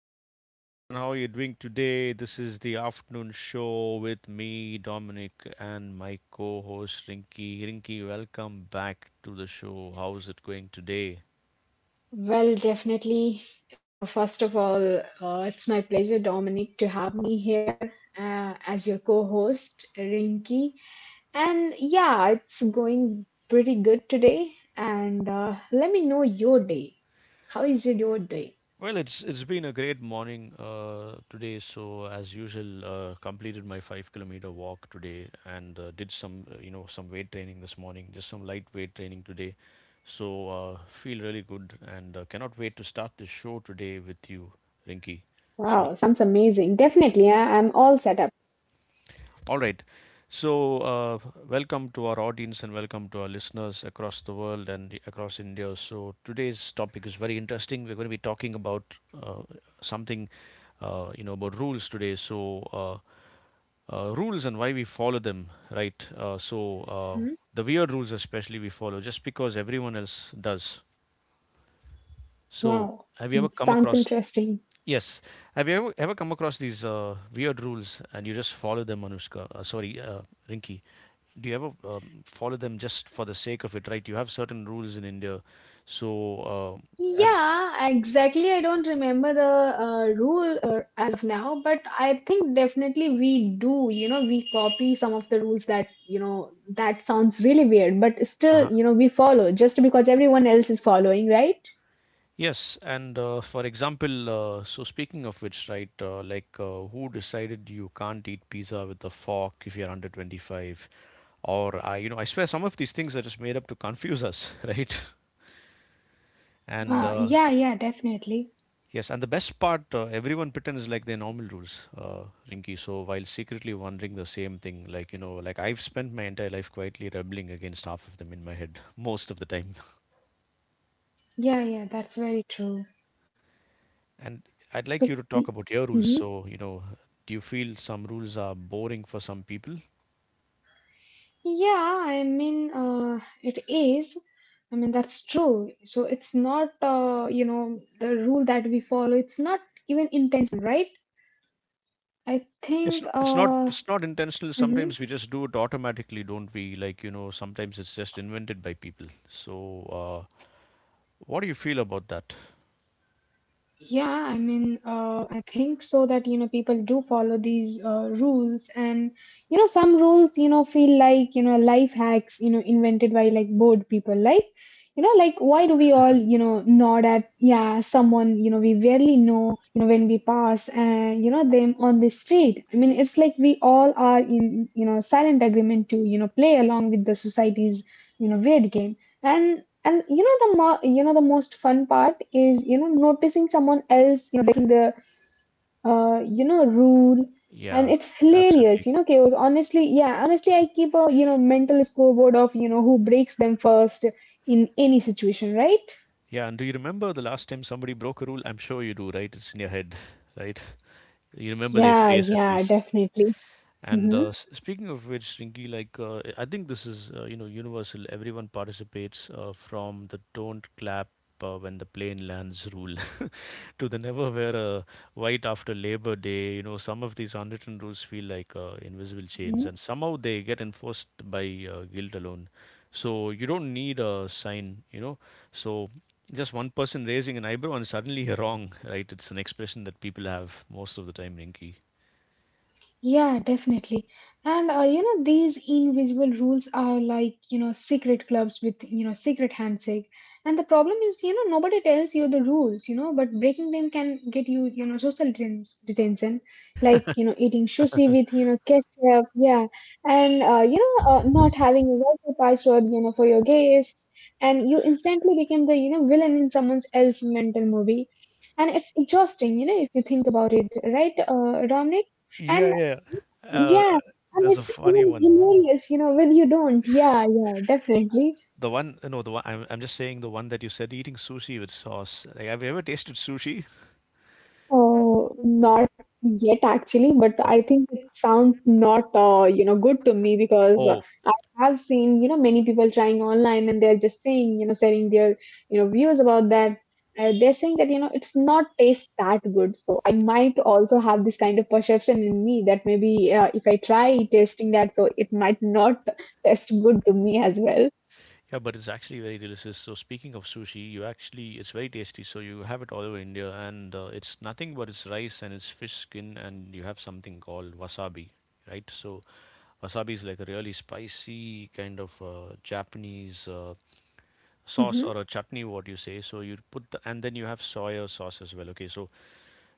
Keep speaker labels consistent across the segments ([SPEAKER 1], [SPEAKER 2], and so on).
[SPEAKER 1] good afternoon, and how are you doing today? This is the afternoon show with me, Dominic, and my co host Rinky. Rinky, welcome back to the show. How's it going today?
[SPEAKER 2] Well, definitely. First of all, it's my pleasure, Dominic, to have me here as your co host, Rinky. And yeah, it's going pretty good today. And let me know your day. How is it your day?
[SPEAKER 1] Well, it's been a great morning today. So as usual, completed my 5 kilometer walk today and did some you know some weight training this morning, just some light weight training today. So feel really good and cannot wait to start the show today with you, Rinky. So
[SPEAKER 2] Wow, sounds amazing. Definitely, I'm all set up.
[SPEAKER 1] all right. So, uh, Welcome to our audience and welcome to our listeners across the world and across India. So today's topic is very interesting. We're going to be talking about something, you know, about rules today. So, rules and why we follow them, right?
[SPEAKER 2] Hmm?
[SPEAKER 1] The weird rules, especially, we follow just because everyone else does. So,
[SPEAKER 2] Wow,
[SPEAKER 1] have you
[SPEAKER 2] and
[SPEAKER 1] ever come
[SPEAKER 2] sounds
[SPEAKER 1] across?
[SPEAKER 2] interesting.
[SPEAKER 1] Yes, have you ever come across these weird rules and you just follow them, Anushka? Sorry, Rinki. Do you ever follow them just for the sake of it? Right? You have certain rules in India, so uh, have,
[SPEAKER 2] Yeah, exactly. I don't remember the rule as of now, but I think definitely we do. You know, we copy some of the rules that, you know, that sounds really weird, but
[SPEAKER 1] uh
[SPEAKER 2] still, you know, we follow just because everyone else is following, right?
[SPEAKER 1] yes, and for example, so speaking of which, right, who decided you can't eat pizza with a fork if you're under 25? Or I swear some of these things are just made up to confuse us, right? And
[SPEAKER 2] Uh, yeah, yeah, definitely.
[SPEAKER 1] yes, and the best part, everyone pretends like their normal rules, Rinky. So while secretly wondering the same thing, like, you know, like I've spent my entire life quietly rebelling against half of them in my head, most of the time.
[SPEAKER 2] Yeah, yeah, that's very true.
[SPEAKER 1] And I'd like you to
[SPEAKER 2] So,
[SPEAKER 1] talk
[SPEAKER 2] y-
[SPEAKER 1] about your rules.
[SPEAKER 2] mhm.
[SPEAKER 1] So, you know, do you feel some rules are boring for some people?
[SPEAKER 2] Yeah, I mean, it is. And that's true. So it's not, you know, the rule that we follow. It's not even intention, right? I think,
[SPEAKER 1] It's not intentional.
[SPEAKER 2] mhm.
[SPEAKER 1] Sometimes we just do it automatically, don't we? Like, you know, sometimes it's just invented by people. So, what do you feel about that?
[SPEAKER 2] yeah, I mean, think so that you know people do follow these rules, and you know some rules you know feel like you know life hacks you know invented by like bored people, like you know, like why do we all you know nod at yeah someone you know we barely know, you know, when we pass and you know them on the street. I mean, it's like we all are in you know silent agreement to you know play along with the society's you know weird game. And you know you know the most fun part is you know noticing someone else you know breaking the you know, rule.
[SPEAKER 1] Yeah,
[SPEAKER 2] And it's
[SPEAKER 1] absolutely.
[SPEAKER 2] hilarious, you know, chaos. Honestly, yeah, honestly, I keep a, you know, mental scoreboard of, you know, who breaks them first in any situation, right?
[SPEAKER 1] Yeah, and do you remember the last time somebody broke a rule? I'm sure you do, right? It's in your head, right? You remember their
[SPEAKER 2] Yeah,
[SPEAKER 1] face at
[SPEAKER 2] yeah,
[SPEAKER 1] least.
[SPEAKER 2] definitely.
[SPEAKER 1] And
[SPEAKER 2] Hmm.
[SPEAKER 1] speaking of which, Rinky, I think this is you know universal. Everyone participates from the "don't clap when the plane lands" rule to the never wear a white after Labor Day, you know, some of these unwritten rules feel like invisible chains, and somehow they get enforced by guilt alone. So you don't need a sign, you know. So just one person raising an eyebrow and suddenly you're wrong, right? It's an expression that people have most of the time, Rinky.
[SPEAKER 2] Yeah, definitely. And you know, these invisible rules are like, you know, secret clubs with, you know, secret handshake. And the problem is, you know, nobody tells you the rules, you know, but breaking them can get you, you know, social detention, like, you know, eating sushi with, you know, ketchup. Yeah. And, you know, not having a Wi-Fi password, you know, for your guests. And you instantly become the, you know, villain in someone else's mental movie. And it's exhausting, you know, if you think about it, right, Dominic?
[SPEAKER 1] Yeah,
[SPEAKER 2] And
[SPEAKER 1] yeah.
[SPEAKER 2] yeah,
[SPEAKER 1] Uh,
[SPEAKER 2] and
[SPEAKER 1] there's a
[SPEAKER 2] it's
[SPEAKER 1] funny
[SPEAKER 2] even
[SPEAKER 1] one.
[SPEAKER 2] hilarious, you know, when you don't. Yeah, yeah, definitely.
[SPEAKER 1] The one, no, the one. I'm just saying the one that you said eating sushi with sauce. Like, have you ever tasted sushi?
[SPEAKER 2] Oh, not yet actually, but
[SPEAKER 1] Not.
[SPEAKER 2] I think it sounds not, you know, good to me because
[SPEAKER 1] Oh,
[SPEAKER 2] I have seen, you know, many people trying online, and they're just saying, you know, sharing their, you know, views about that. They're saying that, you know, it's not taste that good. So I might also have this kind of perception in me that maybe if I try tasting that, so it might not taste good to me as well.
[SPEAKER 1] yeah, but it's actually very delicious. So speaking of sushi, you actually it's very tasty. So you have it all over India, and it's nothing but it's rice and it's fish skin, and you have something called wasabi, right? So wasabi is like a really spicy kind of Japanese sauce
[SPEAKER 2] Mm-hmm.
[SPEAKER 1] or a chutney, what you say. So you put the, and then you have soya sauce as well. Okay, so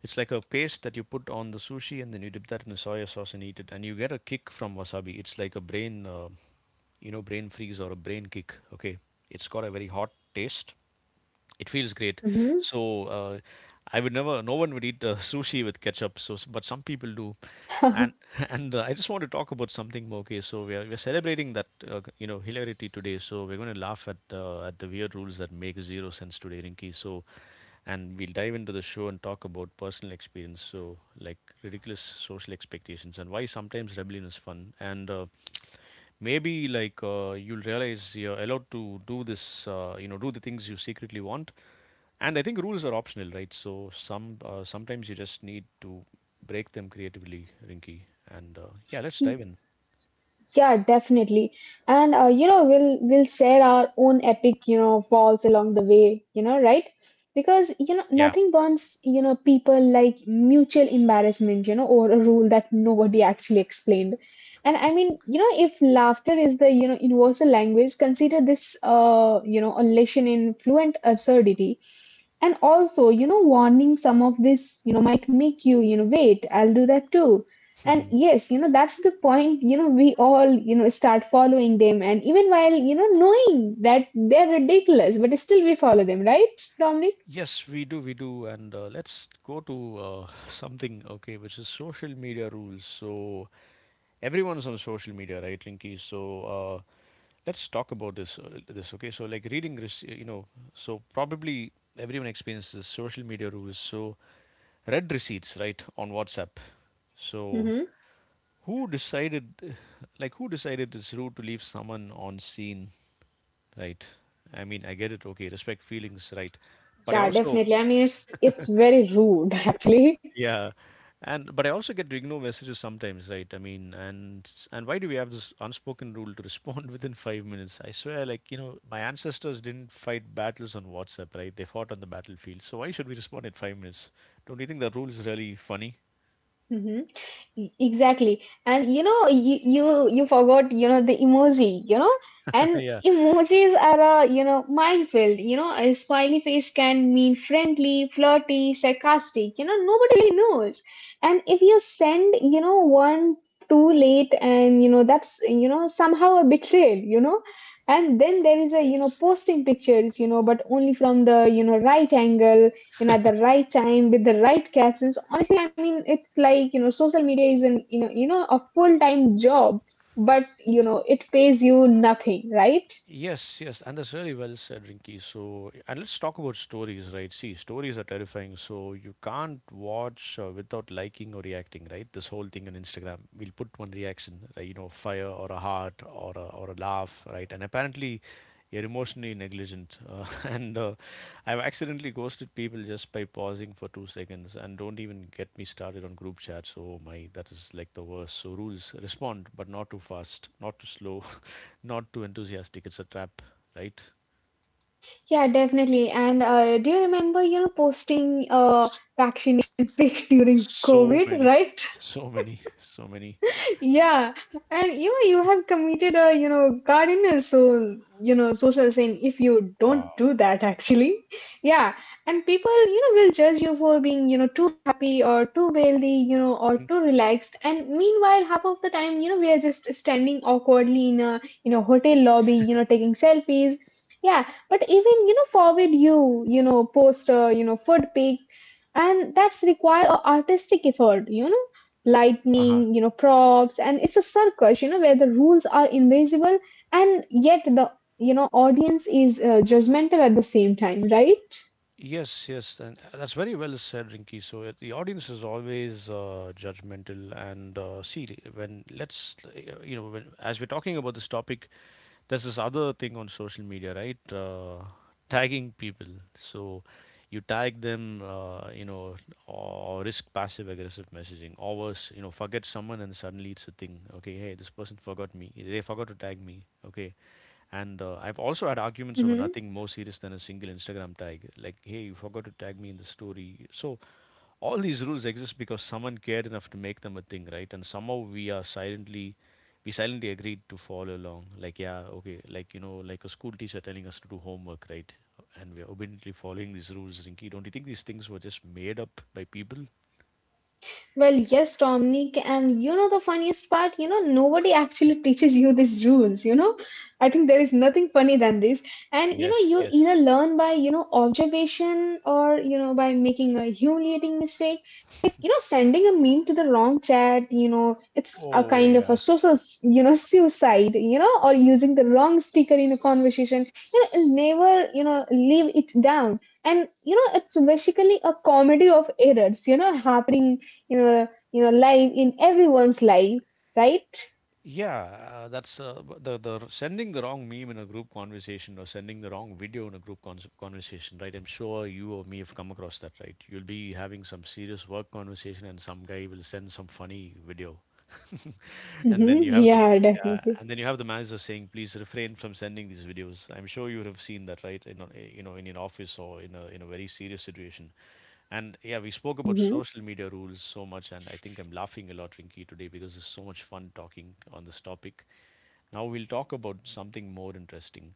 [SPEAKER 1] it's like a paste that you put on the sushi, and then you dip that in the soya sauce and eat it, and you get a kick from wasabi. It's like a brain, brain freeze or a brain kick. Okay, it's got a very hot taste, it feels great.
[SPEAKER 2] Mm-hmm.
[SPEAKER 1] So I would never. No one would eat sushi with ketchup. So, but some people do. And and I just want to talk about something more. Okay, so we're celebrating that you know hilarity today. So we're going to laugh at the weird rules that make zero sense today, Rinky. So and we'll dive into the show and talk about personal experience. So like ridiculous social expectations and why sometimes rebellion is fun. And maybe you'll realize you're allowed to do this you know do the things you secretly want, and I think rules are optional, right? So sometimes you just need to break them creatively, Rinky. And yeah, let's dive in.
[SPEAKER 2] Yeah, definitely. And you know, we'll share our own epic, you know, falls along the way, you know, right? Because you know,
[SPEAKER 1] Yeah,
[SPEAKER 2] nothing bonds, you know, people like mutual embarrassment, you know, or a rule that nobody actually explained. And I mean, you know, if laughter is the, you know, universal language, consider this you know, a lesson in fluent absurdity. And also, you know, warning some of this, you know, might make you, you know, wait, I'll do that too. And yes, you know, that's the point, you know, we all, you know, start following them. And even while, you know, knowing that they're ridiculous, but still we follow them, right, Dominic?
[SPEAKER 1] yes we do and let's go to something, okay, which is social media rules. So everyone's on social media, right, Rinky? So let's talk about this. This okay? So like reading risk, you know. So probably everyone experiences social media rules. So red receipts, right, on WhatsApp. So
[SPEAKER 2] Mm-hmm.
[SPEAKER 1] who decided, like who decided it's rude to leave someone on scene, right? I mean, I get it. Okay, respect feelings, right? But I
[SPEAKER 2] Yeah,
[SPEAKER 1] also
[SPEAKER 2] definitely. I mean, it's very rude, actually.
[SPEAKER 1] yeah. And but I also get ignore messages sometimes, right? And why do we have this unspoken rule to respond within 5 minutes? I swear, like you know, my ancestors didn't fight battles on WhatsApp, right? They fought on the battlefield. So why should we respond in 5 minutes? Don't you think that rule is really funny?
[SPEAKER 2] Mm-hmm. Exactly. And you know, you forgot, you know, the emoji, you know? And
[SPEAKER 1] Yeah.
[SPEAKER 2] emojis are a, you know, minefield. You know, a smiley face can mean friendly, flirty, sarcastic. You know, nobody really knows. And if you send, you know, one too late and, you know, that's, you know, somehow a betrayal, you know? And then there is a, you know,
[SPEAKER 1] Yes.
[SPEAKER 2] posting pictures, you know, but only from the, you know, right angle, you know, at the right time with the right captions. I mean, it's like, you know, social media is an, you know, a full-time job, but, you know, it pays you nothing, right?
[SPEAKER 1] Yes, yes, and that's really well said, Rinky. So, and let's talk about stories, right? See, stories are terrifying. So, you can't watch without liking or reacting, right? This whole thing on Instagram, we'll put one reaction, right? You know, fire or a heart or a laugh, right? And apparently, you're emotionally negligent, and I've accidentally ghosted people just by pausing for 2 seconds, and don't even get me started on group chats. Oh my, that is like the worst. So, rules respond, but not too fast, not too slow, not too enthusiastic. It's a trap, right?
[SPEAKER 2] Yeah, definitely. And do you remember, you know, posting
[SPEAKER 1] S-
[SPEAKER 2] packet pic during
[SPEAKER 1] So
[SPEAKER 2] COVID,
[SPEAKER 1] many,
[SPEAKER 2] right?
[SPEAKER 1] so many, so many.
[SPEAKER 2] Yeah, and you know you have committed a you know cardinal so you know social sin if you don't
[SPEAKER 1] Wow.
[SPEAKER 2] do that actually. Yeah, and people you know will judge you for being you know too happy or too wealthy you know
[SPEAKER 1] Mhm.
[SPEAKER 2] or too relaxed. And meanwhile, half of the time you know we are just standing awkwardly in a hotel lobby you know taking selfies. Yeah, but even you know forward you you know post a you know food pic, and that's require a artistic effort you know
[SPEAKER 1] Uh-huh.
[SPEAKER 2] lightning, you know, props, and it's a circus, you know, where the rules are invisible, and yet the, you know, audience is judgmental at the same time, right?
[SPEAKER 1] Yes, yes, and that's very well said, Rinky. So the audience is always judgmental, and see, when let's, you know, when, as we're talking about this topic, there's this other thing on social media, right? Tagging people. So you tag them, you know, or risk passive aggressive messaging. Or worse, you know, forget someone and suddenly it's a thing. Okay, hey, this person forgot me. They forgot to tag me. Okay. And I've also had arguments over
[SPEAKER 2] Mm-hmm.
[SPEAKER 1] nothing more serious than a single Instagram tag. Like, hey, you forgot to tag me in the story. So all these rules exist because someone cared enough to make them a thing, right? And somehow we silently agreed to follow along like yeah, okay, like you know, like a school teacher telling us to do homework, right? And we are obediently following these rules, Rinky. Don't you think these things were just made up by people?
[SPEAKER 2] Well, yes, Dominic, and you know the funniest part, you know, nobody actually teaches you these rules, you know. I think there is nothing funny than this. And you know,
[SPEAKER 1] Yes,
[SPEAKER 2] you
[SPEAKER 1] yes,
[SPEAKER 2] either learn by, you know, observation or, you know, by making a humiliating mistake. You know, sending a meme to the wrong chat, you know, it's a
[SPEAKER 1] oh
[SPEAKER 2] kind of a
[SPEAKER 1] yeah.
[SPEAKER 2] social, you know, suicide, you know, or using the wrong sticker in a conversation. You know, it'll never, you know, leave it down. And, you know, it's basically a comedy of errors, you know, happening you know, life in everyone's life, right?
[SPEAKER 1] Yeah, that's b- the r- sending the wrong meme in a group conversation or sending the wrong video in a group cons conversation, right? I'm sure you or me have come across that, right? You'll be having some serious work conversation and some guy will send some funny video. And then you
[SPEAKER 2] Hmm.
[SPEAKER 1] have the
[SPEAKER 2] Yeah,
[SPEAKER 1] yeah,
[SPEAKER 2] definitely.
[SPEAKER 1] and then you have the manager saying, "Please refrain from sending these videos." I'm sure you would have seen that, right? In a, you know, in an office or in a very serious situation. And yeah, we spoke about
[SPEAKER 2] Hmm.
[SPEAKER 1] social media rules so much, and I think I'm laughing a lot, Rinky, today because it's so much fun talking on this topic. Now we'll talk about something more interesting,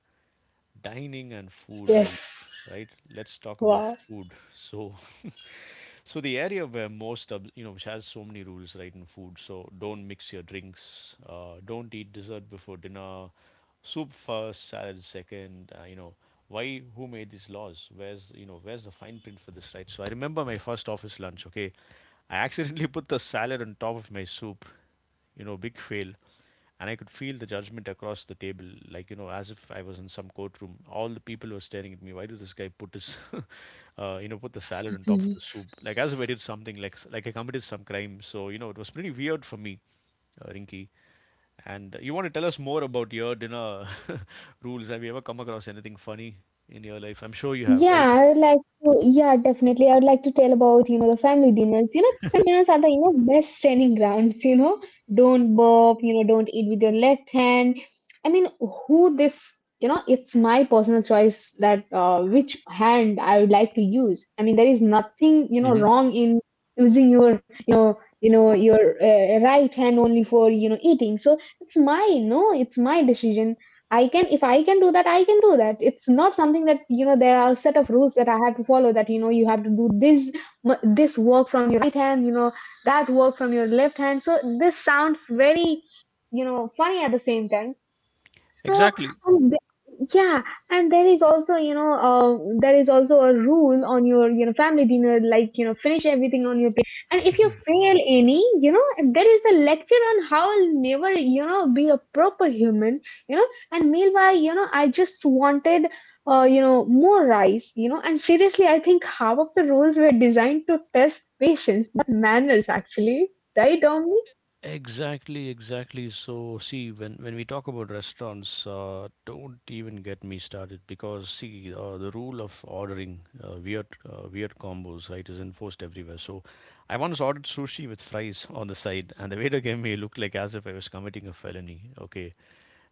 [SPEAKER 1] dining and food rules,
[SPEAKER 2] Yes.
[SPEAKER 1] right? Let's talk about
[SPEAKER 2] Wow.
[SPEAKER 1] food. So so the area where most of you know which has so many rules, right, in food. So don't mix your drinks, don't eat dessert before dinner, soup first, salad second, you know, why? Who made these laws? Where's you know where's the fine print for this, right? So I remember my first office lunch. Okay, I accidentally put the salad on top of my soup, you know, big fail. And I could feel the judgment across the table, like you know, as if I was in some courtroom. All the people were staring at me. Why did this guy put his, you know, put the salad on top of the soup? Like as if I did something, like I committed some crime. So you know, it was pretty weird for me, Rinky. And you want to tell us more about your dinner rules? Have you ever come across anything funny in your life? I'm sure you have, right?
[SPEAKER 2] Yeah, I would like to. Yeah, definitely. I would like to tell about, you know, the family dinners. You know, family dinners are the, you know, best training grounds. You know, don't burp, you know, don't eat with your left hand. I mean, who this, you know, it's my personal choice that which hand I would like to use. I mean, there is nothing, you know,
[SPEAKER 1] Hmm.
[SPEAKER 2] wrong in using your, you know, your right hand only for, you know, eating. So it's my, no, it's my decision. I can, if I can do that, I can do that. It's not something that, you know, there are a set of rules that I have to follow that, you know, you have to do this, this work from your right hand, you know, that work from your left hand. So this sounds very, you know, funny at the same time. So,
[SPEAKER 1] Exactly.
[SPEAKER 2] and yeah, and there is also, you know, there is also a rule on your, you know, family dinner, like, you know, finish everything on your, and if you fail any, you know, there is a lecture on how I'll never, you know, be a proper human, you know. And meanwhile, you know, I just wanted, you know, more rice, you know. And seriously, I think half of the roles were designed to test patience, not manners, actually. Right, Domi?
[SPEAKER 1] Exactly, exactly. So, see, when we talk about restaurants, don't even get me started because see, the rule of ordering weird weird combos, right, is enforced everywhere. So, I once ordered sushi with fries on the side, and the waiter gave me a look like as if I was committing a felony. Okay,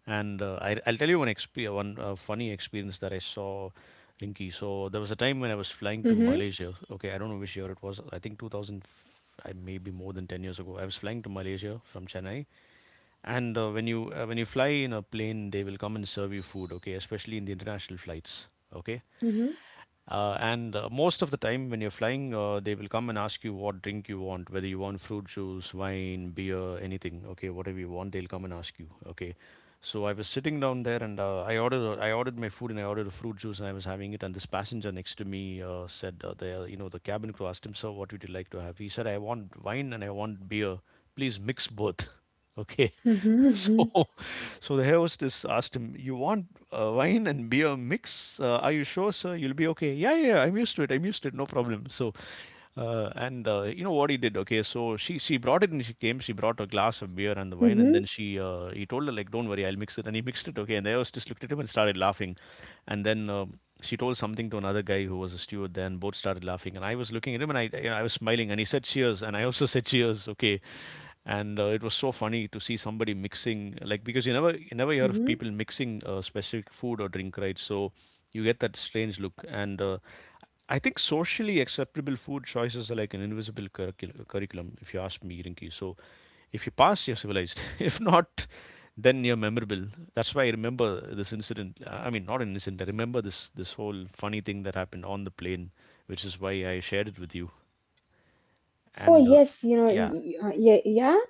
[SPEAKER 1] and I'll tell you one funny experience that I saw, Rinky. So there was a time when I was flying to
[SPEAKER 2] Mm-hmm,
[SPEAKER 1] Malaysia. Okay, I don't know which year it was. I think 2000, I maybe more than 10 years ago. I was flying to Malaysia from Chennai. And when you when you fly in a plane, they will come and serve you food. Okay, especially in the international flights. Okay,
[SPEAKER 2] mm-hmm,
[SPEAKER 1] and most of the time, when you're flying, they will come and ask you what drink you want, whether you want fruit juice, wine, beer, anything. Okay, whatever you want, they'll come and ask you. Okay, so I was sitting down there and I ordered my food and I ordered a fruit juice and I was having it. And this passenger next to me said, the the cabin crew asked him, sir, what would you like to have? He said, I want wine and I want beer. Please mix both. Okay.
[SPEAKER 2] mm-hmm,
[SPEAKER 1] So, so the hair hostess asked him, "You want wine and beer mix? Are you sure, sir? You'll be okay." "Yeah, yeah, yeah, I'm used to it. I'm used to it. No problem." So, and you know what he did? Okay, so she brought it and she came. She brought a glass of beer and the wine, and then
[SPEAKER 2] mm-hmm,
[SPEAKER 1] she he told her like, "Don't worry, I'll mix it." And he mixed it. Okay, and the hair hostess looked at him and started laughing, and then. She told something to another guy who was a steward there, and both started laughing. And I was looking at him, and I I was smiling. And he said, "Cheers," and I also said, "Cheers." Okay, and it was so funny to see somebody mixing like because you never hear of
[SPEAKER 2] mm-hmm.
[SPEAKER 1] people mixing a specific food or drink, right? So you get that strange look and I think socially acceptable food choices are like an invisible curriculum, if you ask me, Rinki. So if you pass, you're civilized, if not, then you're memorable. That's why I remember this incident, I mean not an incident I remember this whole funny thing that happened on the plane, which is why I shared it with you.
[SPEAKER 2] Oh,
[SPEAKER 1] And
[SPEAKER 2] yes, you know,
[SPEAKER 1] yeah.
[SPEAKER 2] yeah, yeah.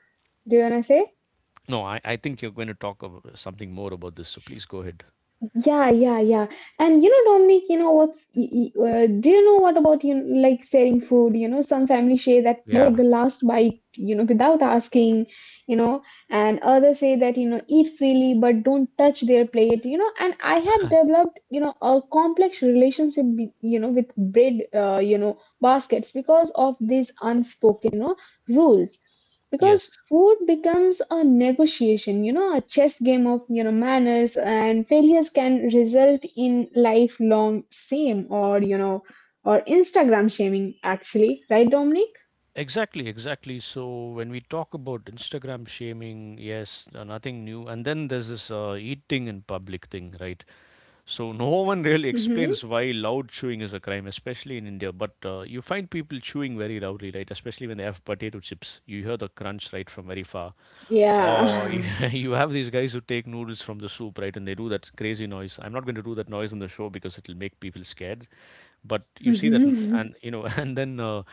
[SPEAKER 2] Do you want to say?
[SPEAKER 1] No, I think you're going to talk about something more about this, so please go ahead.
[SPEAKER 2] Yeah, yeah, yeah. And you know, Dominic, you know what's, do you know what about you know, like sharing food? You know, some families say that never
[SPEAKER 1] Yeah.
[SPEAKER 2] take the last bite, you know, without asking, you know, and others say that, you know, eat freely but don't touch their plate, you know. And I have developed, you know, a complex relationship, you know, with bread, you know, baskets because of these unspoken. You know, rules,
[SPEAKER 1] Yes.
[SPEAKER 2] because food becomes a negotiation you know a chess game of you know manners, and failures can result in lifelong shame or you know, or Instagram shaming actually, right, Dominic?
[SPEAKER 1] Exactly, exactly. So when we talk about Instagram shaming, yes, nothing new. And then there's this eating in public thing, right? So no one really explains
[SPEAKER 2] Mm-hmm.
[SPEAKER 1] why loud chewing is a crime, especially in India. But you find people chewing very loudly, right? Especially when they have potato chips. You hear the crunch right from very far. Or you,
[SPEAKER 2] Yeah.
[SPEAKER 1] you have these guys who take noodles from the soup, right? And they do that crazy noise. I'm not going to do that noise on the show because it'll make people scared. But you see that,
[SPEAKER 2] Mm-hmm.
[SPEAKER 1] and you know, and then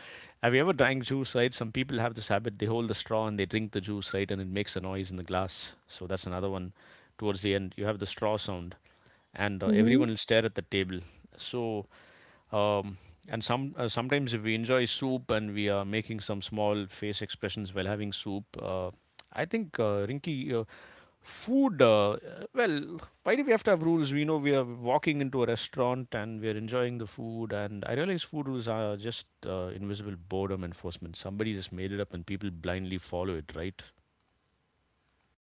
[SPEAKER 1] have you ever drank juice, right? Some people have this habit. They hold the straw and they drink the juice, right? And it makes a noise in the glass. So that's another one. Towards the end, you have the straw sound, and everyone will stare at the table. So. Um, and some sometimes if we enjoy soup and we are making some small face expressions while having soup, I think Rinky, food. Well, why do we have to have rules? We know we are walking into a restaurant and we are enjoying the food, and I realize food rules are just invisible boredom enforcement. Somebody just made it up and people blindly follow it, right?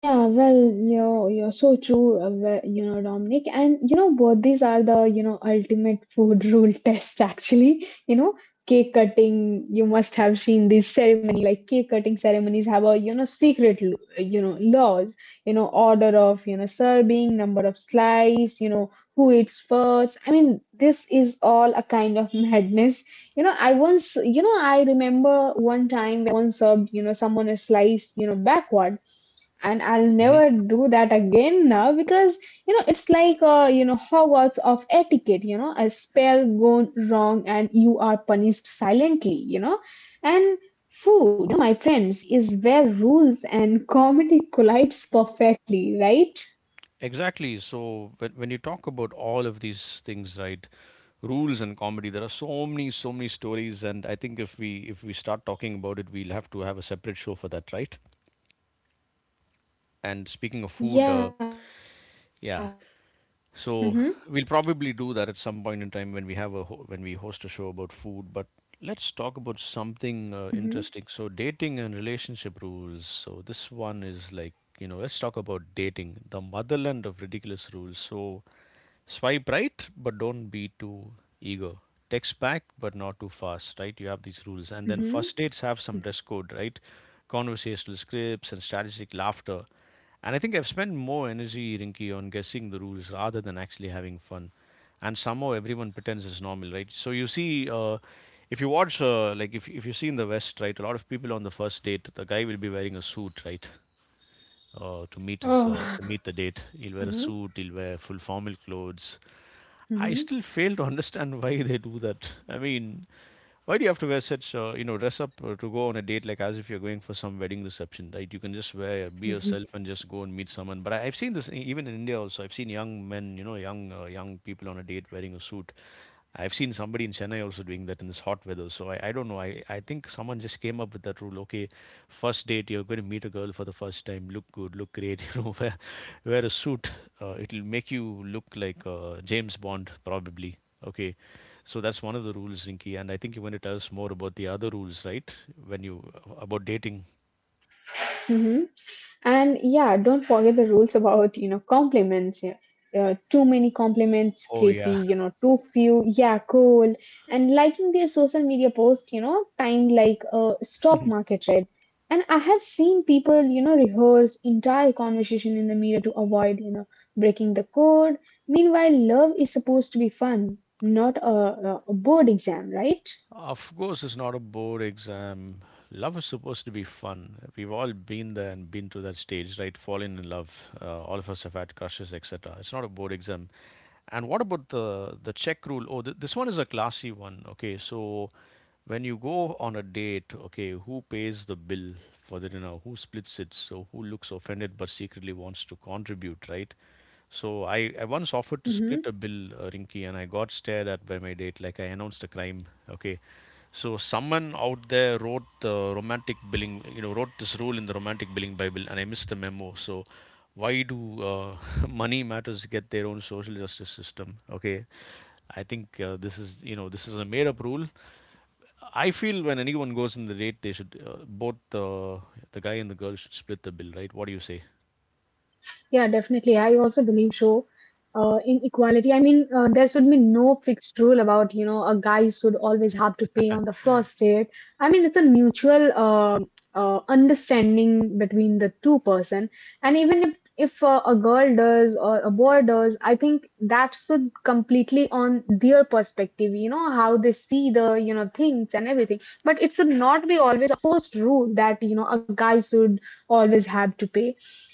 [SPEAKER 2] Yeah, well, you're so true, well, you know, Dominic. And you know, both these are the you know ultimate food rule test. Actually, you know, cake cutting. You must have seen these ceremony, like cake cutting ceremonies have a you know secret you know laws. You know, order of you know serving, number of slice. You know, who eats first. I mean, this is all a kind of madness. You know, I once you know I remember one time when I once served you know someone a slice you know backward, and I'll never do that again now because you know it's like you know Hogwarts of etiquette. You know, a spell gone wrong and you are punished silently. You know, and food, you know, my friends, is where rules and comedy collides perfectly, right?
[SPEAKER 1] Exactly. So when you talk about all of these things, right, rules and comedy, there are so many, so many stories, and I think if we start talking about it, we'll have to have a separate show for that, right? And speaking of food,
[SPEAKER 2] Yeah. Mm-hmm.
[SPEAKER 1] yeah, so we'll probably do that at some point in time when we have a ho- when we host a show about food. But let's talk about
[SPEAKER 2] Mm-hmm.
[SPEAKER 1] something interesting. So dating and relationship rules. So this one is like, you know, let's talk about dating, the motherland of ridiculous rules. So swipe right, but don't be too eager. Text back, but not too fast. Right? You have these rules, and then
[SPEAKER 2] Mm-hmm.
[SPEAKER 1] first dates have some dress code, right? Conversational scripts and strategic laughter. And I think I've spent more energy, Rinky, on guessing the rules rather than actually having fun. And somehow everyone pretends it's normal, right? So you see, if you watch, like if you see in the West, right, a lot of people on the first date, the guy will be wearing a suit, right,
[SPEAKER 2] Oh.
[SPEAKER 1] to meet the date. He'll wear a suit. He'll wear full formal clothes.
[SPEAKER 2] Mm-hmm.
[SPEAKER 1] I still fail to understand why they do that. I mean, why do you have to wear such, you know, dress up to go on a date like as if you're going for some wedding reception, right? You can just wear, be
[SPEAKER 2] Mm-hmm.
[SPEAKER 1] yourself and just go and meet someone. But I've seen this even in India also. I've seen young men, you know, young people on a date wearing a suit. I've seen somebody in Chennai also doing that in this hot weather. So I don't know. I think someone just came up with that rule. Okay, first date, you're going to meet a girl for the first time. Look good, look great, you know, wear, wear a suit it'll make you look like James Bond probably. Okay, so that's one of the rules, Rinky, and I think you want to tell us more about the other rules, right? When you about dating.
[SPEAKER 2] And yeah, don't forget the rules about, you know, compliments. Yeah. Too many compliments,
[SPEAKER 1] Oh yeah.
[SPEAKER 2] creepy, you know, too few, yeah, cool. And liking their social media post, you know, timed like a stock market trade. And I have seen people, you know, rehearse entire conversation in the mirror to avoid, you know, breaking the code. Meanwhile, love is supposed to be fun, not a board exam, right?
[SPEAKER 1] Of course, it's not a board exam. Love is supposed to be fun. We've all been there and been to that stage, right? Falling in love. All of us have had crushes, etc. It's not a board exam. And what about the check rule? Oh, this one is a classy one. Okay, so when you go on a date, okay, who pays the bill for the dinner? Who splits it? So who looks offended but secretly wants to contribute, right? So I once offered to split a
[SPEAKER 2] Hmm.
[SPEAKER 1] bill, Rinky, and I got stared at by my date, like I announced a crime. Okay, so someone out there wrote the romantic billing, wrote this rule in the romantic billing bible, and I missed the memo. So why do money matters get their own social justice system? Okay, I think this is this is a made up rule. I feel when anyone goes in the date, they should both the guy and the girl should split the bill, right? What do you say?
[SPEAKER 2] Yeah, definitely. I also believe so in equality. I mean, there should be no fixed rule about, you know, a guy should always have to pay on the first date. I mean, it's a mutual understanding between the two person, and even if a girl does or a boy does, I think that should completely on their perspective, you know, how they see the, you know, things and everything, but it should not be always a forced rule that, you know, a guy should always have to pay.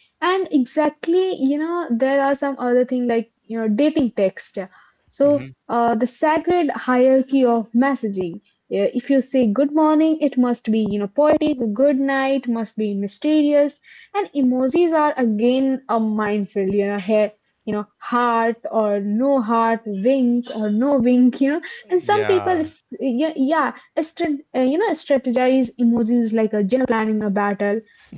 [SPEAKER 2] And exactly, you know, there are some other thing, like, you know, dating text. So
[SPEAKER 1] Hmm.
[SPEAKER 2] the sacred hierarchy of messaging. Yeah, if you say good morning it must be, you know, poetic, good night must be mysterious, and emojis are again a minefield, you know, here, you know, heart or no heart, wink or no wink, you know. And
[SPEAKER 1] Yeah.
[SPEAKER 2] yeah, yeah, you know, strategize emojis like a general planning a battle.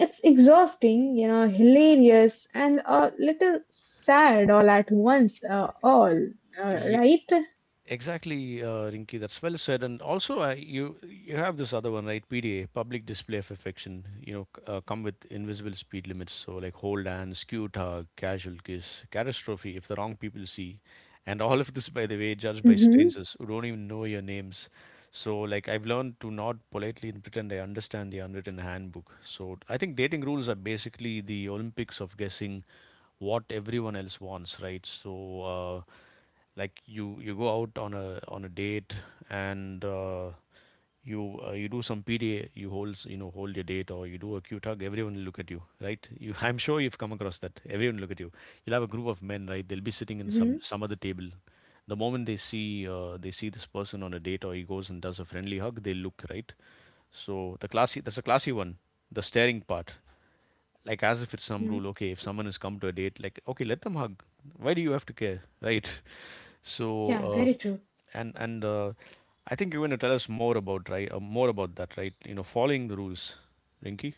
[SPEAKER 2] I mean, it's exhausting, you know, hilarious and a little sad all at once, right?
[SPEAKER 1] Exactly, Rinki. That's well said. And also, you you have this other one, right? PDA, public display of affection. You know, come with invisible speed limits. So like hold hands, cute hug, casual kiss, catastrophe if the wrong people see, and all of this, by the way, judged by
[SPEAKER 2] Mm-hmm,
[SPEAKER 1] strangers who don't even know your names. So like I've learned to nod politely and pretend I understand the unwritten handbook. So I think dating rules are basically the Olympics of guessing what everyone else wants, right? So. Uh, like you go out on a date and you you do some PDA, you hold, you know, hold your date or you do a cute hug, everyone will look at you, right? You, I'm sure you've come across that. Everyone will look at you. You'll have a group of men, right? They'll be sitting in
[SPEAKER 2] mm-hmm,
[SPEAKER 1] some other table. The moment they see this person on a date or he goes and does a friendly hug, they look right. So the classy, that's a classy one. The staring part, like as if it's some
[SPEAKER 2] mm-hmm.
[SPEAKER 1] rule. Okay, if someone has come to a date, like okay, let them hug. Why do you have to care, right? So,
[SPEAKER 2] Yeah,
[SPEAKER 1] uh,
[SPEAKER 2] very true.
[SPEAKER 1] and and uh, I think you're going to tell us more about that, right? Following the rules, Rinky.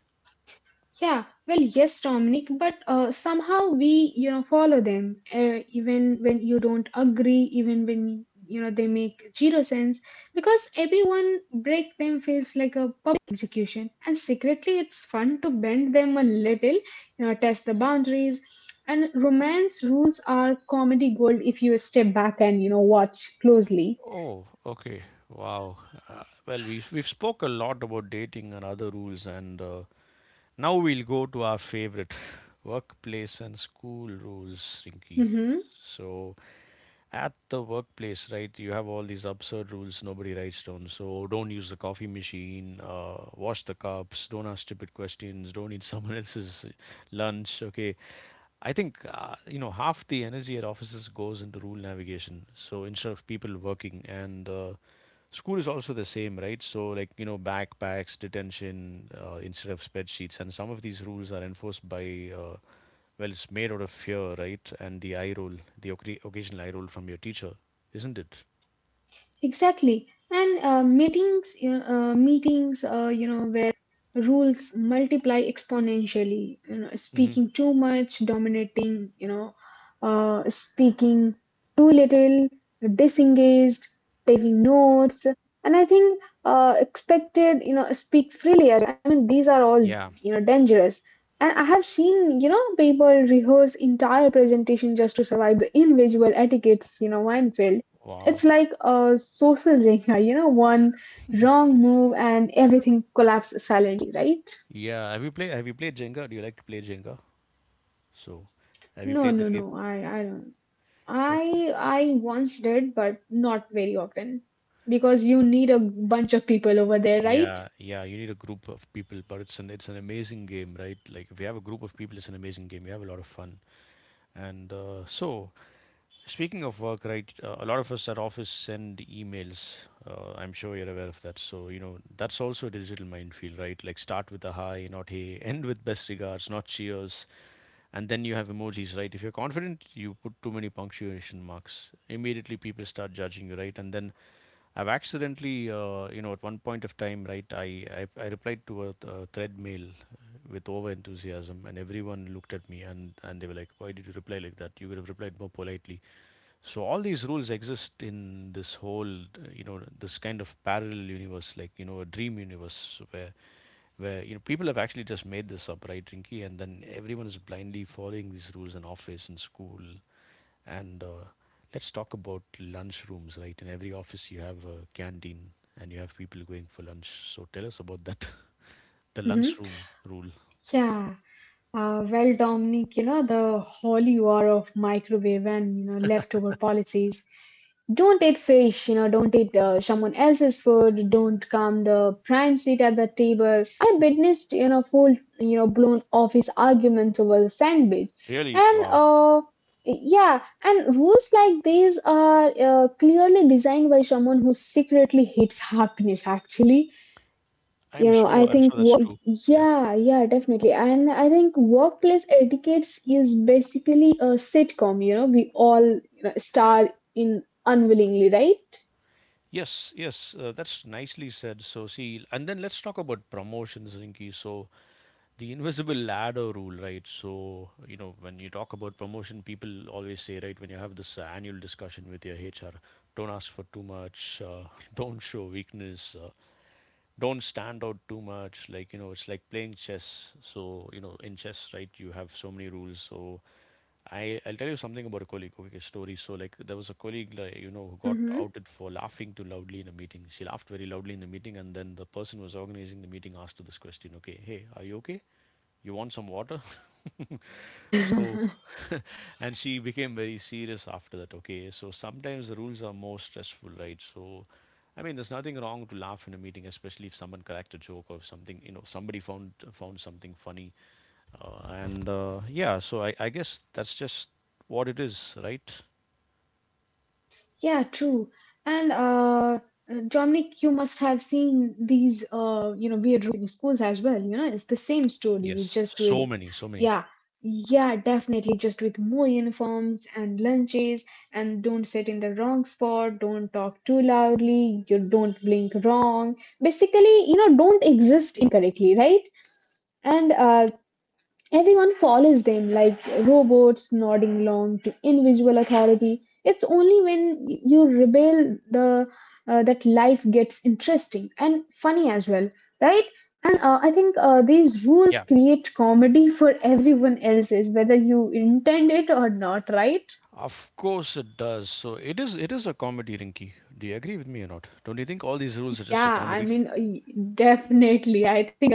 [SPEAKER 2] Yeah, well, yes, Dominic, but somehow we, you know, follow them even when you don't agree, even when, you know, they make zero sense, because everyone break them feels like a public execution. And secretly, it's fun to bend them a little, you know, test the boundaries. And romance rules are comedy gold if you step back and, you know, watch closely.
[SPEAKER 1] Oh, okay. Wow. Well, we've spoke a lot about dating and other rules, and now we'll go to our favorite workplace and school rules, Rinky.
[SPEAKER 2] Mm-hmm.
[SPEAKER 1] So, at the workplace, right, you have all these absurd rules nobody writes down. So don't use the coffee machine, wash the cups, don't ask stupid questions, don't eat someone else's lunch. Okay, I think half the energy at offices goes into rule navigation. So instead of people working and school is also the same, right, so, like, backpacks, detention, instead of spreadsheets, and some of these rules are enforced by well, it's made out of fear, right? And the eye roll, the occasional eye roll from your teacher, isn't it?
[SPEAKER 2] Exactly. And meetings, you know, you know, rules multiply exponentially, you know,
[SPEAKER 1] Hmm.
[SPEAKER 2] speaking too much, dominating, you know, speaking too little, disengaged, taking notes, and I think expected, you know, speak freely as well. I mean, these are all,
[SPEAKER 1] Yeah.
[SPEAKER 2] you know, dangerous. And I have seen, you know, people rehearse entire presentation just to survive the invisible etiquettes, you know, minefield.
[SPEAKER 1] Wow.
[SPEAKER 2] It's like a social Jenga, you know, one wrong move and everything collapses silently, right?
[SPEAKER 1] Yeah. Have you played Jenga? Do you like to play Jenga? So, have you played
[SPEAKER 2] No,
[SPEAKER 1] that
[SPEAKER 2] no,
[SPEAKER 1] game?
[SPEAKER 2] no. I don't.
[SPEAKER 1] Okay.
[SPEAKER 2] I once did, but not very often, because you need a bunch of people over there,
[SPEAKER 1] Yeah,
[SPEAKER 2] right?
[SPEAKER 1] yeah. You need a group of people, but it's an amazing game, right? Like if you have a group of people, it's an amazing game. You have a lot of fun. And so, speaking of work, right? A lot of us at office send emails. I'm sure you're aware of that. So that's also a digital minefield, right? Like start with a hi, not hey, end with best regards, not cheers, and then you have emojis, right? If you're confident, you put too many punctuation marks. Immediately, people start judging you, right? And then I've accidentally, at one point of time, right, I replied to a thread mail with over enthusiasm, and everyone looked at me, and they were like, "Why did you reply like that? You could have replied more politely." So, all these rules exist in this whole, this kind of parallel universe, like, a dream universe where people have actually just made this up, right, Rinky? And then everyone is blindly following these rules in office, in school, and let's talk about lunchrooms, right? In every office, you have a canteen and you have people going for lunch. So tell us about that, the
[SPEAKER 2] Mm-hmm.
[SPEAKER 1] lunchroom rule.
[SPEAKER 2] Yeah. Well, Dominic, you know, the holy war of microwave and, you know, leftover policies. Don't eat fish, you know, don't eat someone else's food, don't come the prime seat at the table. I witnessed, you know, full, you know, blown office arguments over the sandwich.
[SPEAKER 1] Really?
[SPEAKER 2] And,
[SPEAKER 1] Wow.
[SPEAKER 2] yeah, and rules like these are clearly designed by someone who secretly hates happiness, actually. You know, I
[SPEAKER 1] I'm
[SPEAKER 2] think
[SPEAKER 1] sure that's true. Yeah.
[SPEAKER 2] yeah, yeah, definitely, and I think workplace etiquettes is basically a sitcom, you know, we all, you know, star in unwillingly, right?
[SPEAKER 1] Yes, yes, that's nicely said. So, see, and then let's talk about promotions, Rinki. So, the invisible ladder rule, right? So, when you talk about promotion, people always say, right, when you have this annual discussion with your HR, don't ask for too much, don't show weakness. Don't stand out too much, like, it's like playing chess. So, in chess, right, you have so many rules. So I'll tell you something about a colleague, okay, story. So, like, there was a colleague, like, who got outed for laughing too loudly in a meeting. She laughed very loudly in the meeting, and then the person who was organizing the meeting asked her this question, okay, "Hey, are you okay? You want some water?" So,
[SPEAKER 2] Mm-hmm.
[SPEAKER 1] and she became very serious after that, okay? So, sometimes the rules are more stressful, right? So, I mean, there's nothing wrong to laugh in a meeting, especially if someone cracked a joke or if something, somebody found something funny. And yeah, so I guess that's just what it is, right?
[SPEAKER 2] Yeah, true. And Dominic, you must have seen these, you know, weird rules in schools as well. You know, it's the same story,
[SPEAKER 1] Yes,
[SPEAKER 2] just
[SPEAKER 1] so
[SPEAKER 2] with,
[SPEAKER 1] many, so many.
[SPEAKER 2] yeah, yeah, definitely, just with more uniforms and lunches, and don't sit in the wrong spot, don't talk too loudly, you don't blink wrong. Basically, you know, don't exist incorrectly, right? And everyone follows them like robots nodding along to invisible authority. It's only when you rebel the that life gets interesting and funny as well, right? I think these rules
[SPEAKER 1] Yeah,
[SPEAKER 2] create comedy for everyone else's, whether you intend it or not, right?
[SPEAKER 1] of course it does. So it is a comedy, Rinky. Do you agree with me or not? Don't you think all these rules are just a
[SPEAKER 2] Yeah,
[SPEAKER 1] comedy?
[SPEAKER 2] I mean, uh, definitely. I think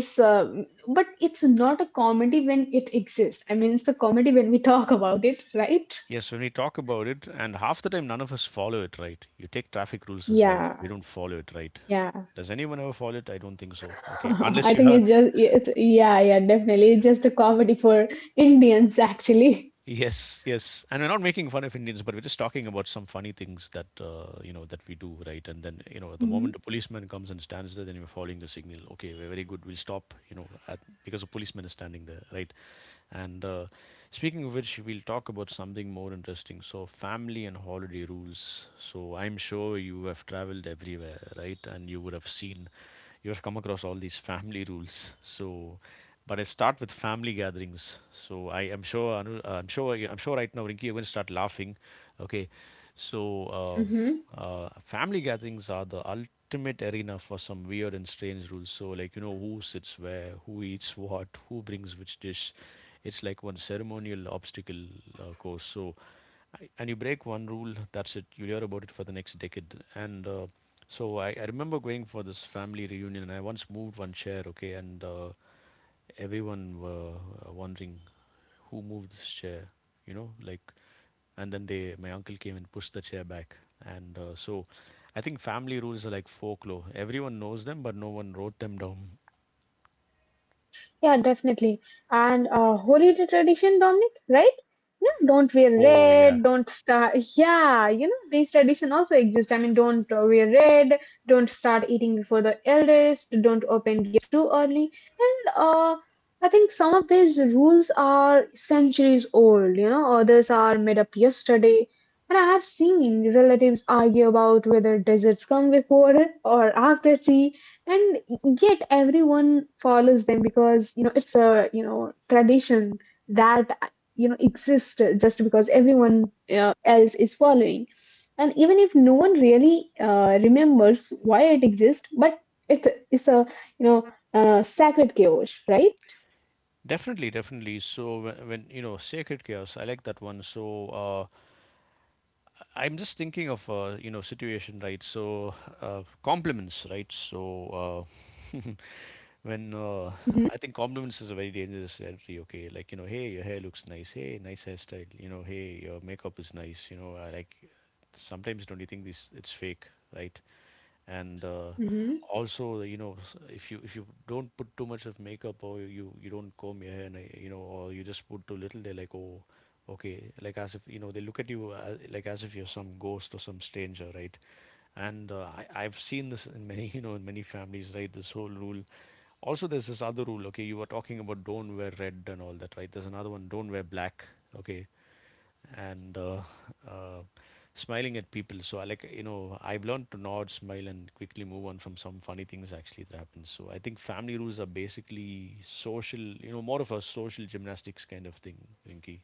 [SPEAKER 2] but it's not a comedy when it exists. I mean, it's a comedy when we talk about it, right?
[SPEAKER 1] Yes, when we talk about it, and half the time none of us follow it, right. You take traffic rules as well. We
[SPEAKER 2] Yeah,
[SPEAKER 1] don't follow it, right.
[SPEAKER 2] yeah.
[SPEAKER 1] Does anyone ever follow it? I don't think so. Okay, unless you
[SPEAKER 2] I
[SPEAKER 1] have.
[SPEAKER 2] think it's just it's yeah, yeah, definitely, it's just a comedy for Indians actually.
[SPEAKER 1] Yes, yes, and we're not making fun of Indians, but we're just talking about some funny things that we do, right? And then, the moment
[SPEAKER 2] Mhm.
[SPEAKER 1] a policeman comes and stands there, then you're following the signal. Okay, we're very good. We'll stop, because a policeman is standing there, right? And speaking of which, we'll talk about something more interesting. So, family and holiday rules. So, I'm sure you have traveled everywhere, right? And you would have seen you'll come across all these family rules. So, but I start with family gatherings. So I am sure, Anu, I'm sure right now, Rinki, you're going to start laughing. Okay, so family gatherings are the ultimate arena for some weird and strange rules. So, like, who sits where, who eats what, who brings which dish. It's like one ceremonial obstacle course. So and you break one rule, that's it. You'll hear about it for the next decade. And so I remember going for this family reunion, and I once moved one chair, okay, and everyone were wondering who moved this chair, you know, like, and then my uncle came and pushed the chair back, and so I think family rules are like folklore. Everyone knows them, but no one wrote them down.
[SPEAKER 2] Yeah, definitely. And holy tradition, Dominic, right? Yeah, don't wear
[SPEAKER 1] Oh yeah,
[SPEAKER 2] red, don't start. Yeah, you know, these tradition also exist. I mean, don't wear red, don't start eating before the eldest, don't open gifts too early. And I think some of these rules are centuries old, you know, others are made up yesterday. And I have seen relatives argue about whether desserts come before or after tea, and yet everyone follows them because, you know, it's a, you know, tradition that, you know, exists just because everyone else is following, and even if no one really remembers why it exists, but it's it's a you know sacred chaos, right?
[SPEAKER 1] definitely, definitely. So when, sacred chaos, I like that one. So I'm just thinking of situation, right? So compliments, right? So. Uh, when I think compliments is a very dangerous territory. Okay, like, hey, your hair looks nice. Hey, nice hairstyle. Hey, your makeup is nice. I like. Sometimes don't you think this it's fake, right? And
[SPEAKER 2] Mhm.
[SPEAKER 1] also, if you don't put too much of makeup, or you don't comb your hair, and, or you just put too little, they're like, oh, okay, like as if they look at you, like as if you're some ghost or some stranger, right? And I've seen this in many in many families, right, this whole rule. Also, there's this other rule. Okay, you were talking about don't wear red and all that, right? There's another one. Don't wear black. Okay, and uh, smiling at people. So I like you know I've learned to nod, smile, and quickly move on from some funny things actually that happen. So I think family rules are basically social. More of a social gymnastics kind of thing, Rinky.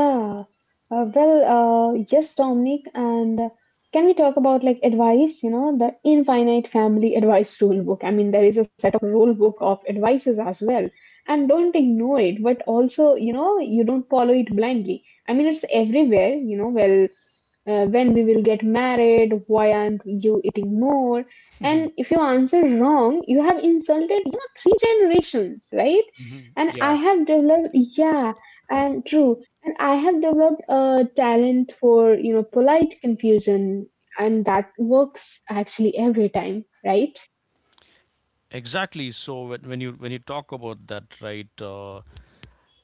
[SPEAKER 2] Yeah. Well, yes, Dominic. And can we talk about like advice? You know, the infinite family advice rule book. I mean, there is a set of rule book of advices as well. And don't ignore it, but also, you know, you don't follow it blindly. I mean, it's everywhere, you know, well, when we will get married, why aren't you eating more? And if you answer wrong, you have insulted, you know, three generations, right?
[SPEAKER 1] Hmm.
[SPEAKER 2] And
[SPEAKER 1] Yeah.
[SPEAKER 2] I have developed, yeah, and true. I have developed a talent for, you know, polite confusion, and that works actually every time, right?
[SPEAKER 1] Exactly. So when you talk about that, right?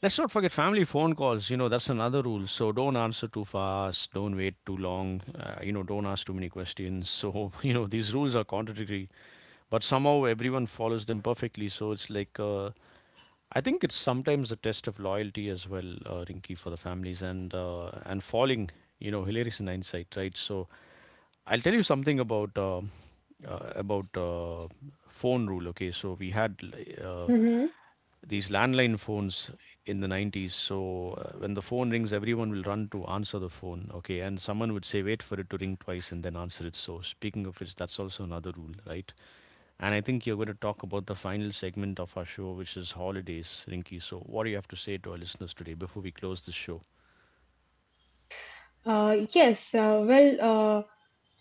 [SPEAKER 1] Let's not forget family phone calls. That's another rule. So don't answer too fast. Don't wait too long. Don't ask too many questions. So, these rules are contradictory, but somehow everyone follows them perfectly. So it's like, I think it's sometimes a test of loyalty as well, Rinky, for the families, and falling, hilarious in hindsight, right? So I'll tell you something about phone rule. Okay, so we had uh,
[SPEAKER 2] Mm-hmm.
[SPEAKER 1] these landline phones in the 90s. So when the phone rings, everyone will run to answer the phone. Okay, and someone would say, "Wait for it to ring twice and then answer it." So speaking of which, that's also another rule, right? And I think you're going to talk about the final segment of our show, which is holidays, Rinky. So, what do you have to say to our listeners today before we close the show?
[SPEAKER 2] Yes, well,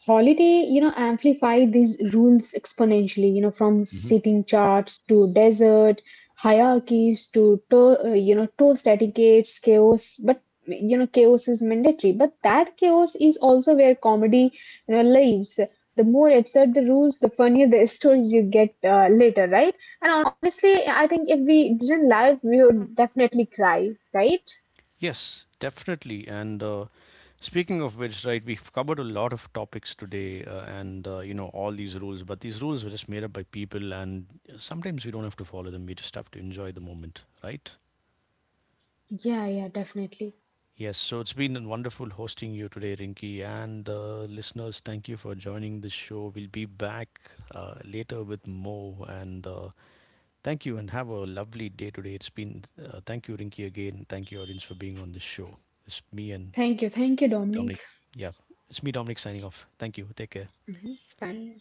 [SPEAKER 2] holiday, you know, amplify these rules exponentially, you know, from
[SPEAKER 1] Hmm.
[SPEAKER 2] sitting charts to desert, hierarchies to you know, toast etiquettes, chaos. But, you know, chaos is mandatory. But that chaos is also where comedy, you know, lives. The more absurd the rules, the funnier the stories you get later, right? And honestly, I think if we didn't laugh, we would definitely cry, right?
[SPEAKER 1] Yes, definitely. And speaking of which, right, we've covered a lot of topics today, and all these rules. But these rules were just made up by people, and sometimes we don't have to follow them. We just have to enjoy the moment, right?
[SPEAKER 2] Yeah, yeah, definitely.
[SPEAKER 1] Yes, so it's been wonderful hosting you today, Rinky, and listeners. Thank you for joining this show. We'll be back later with more, and thank you, and have a lovely day today. It's been Thank you, Rinky, again. Thank you, audience, for being on this show. It's me and
[SPEAKER 2] Thank you. Thank you, Dominic.
[SPEAKER 1] Dominic. Yeah, it's me, Dominic, signing off. Thank you. Take care.
[SPEAKER 2] Hmm. Fine.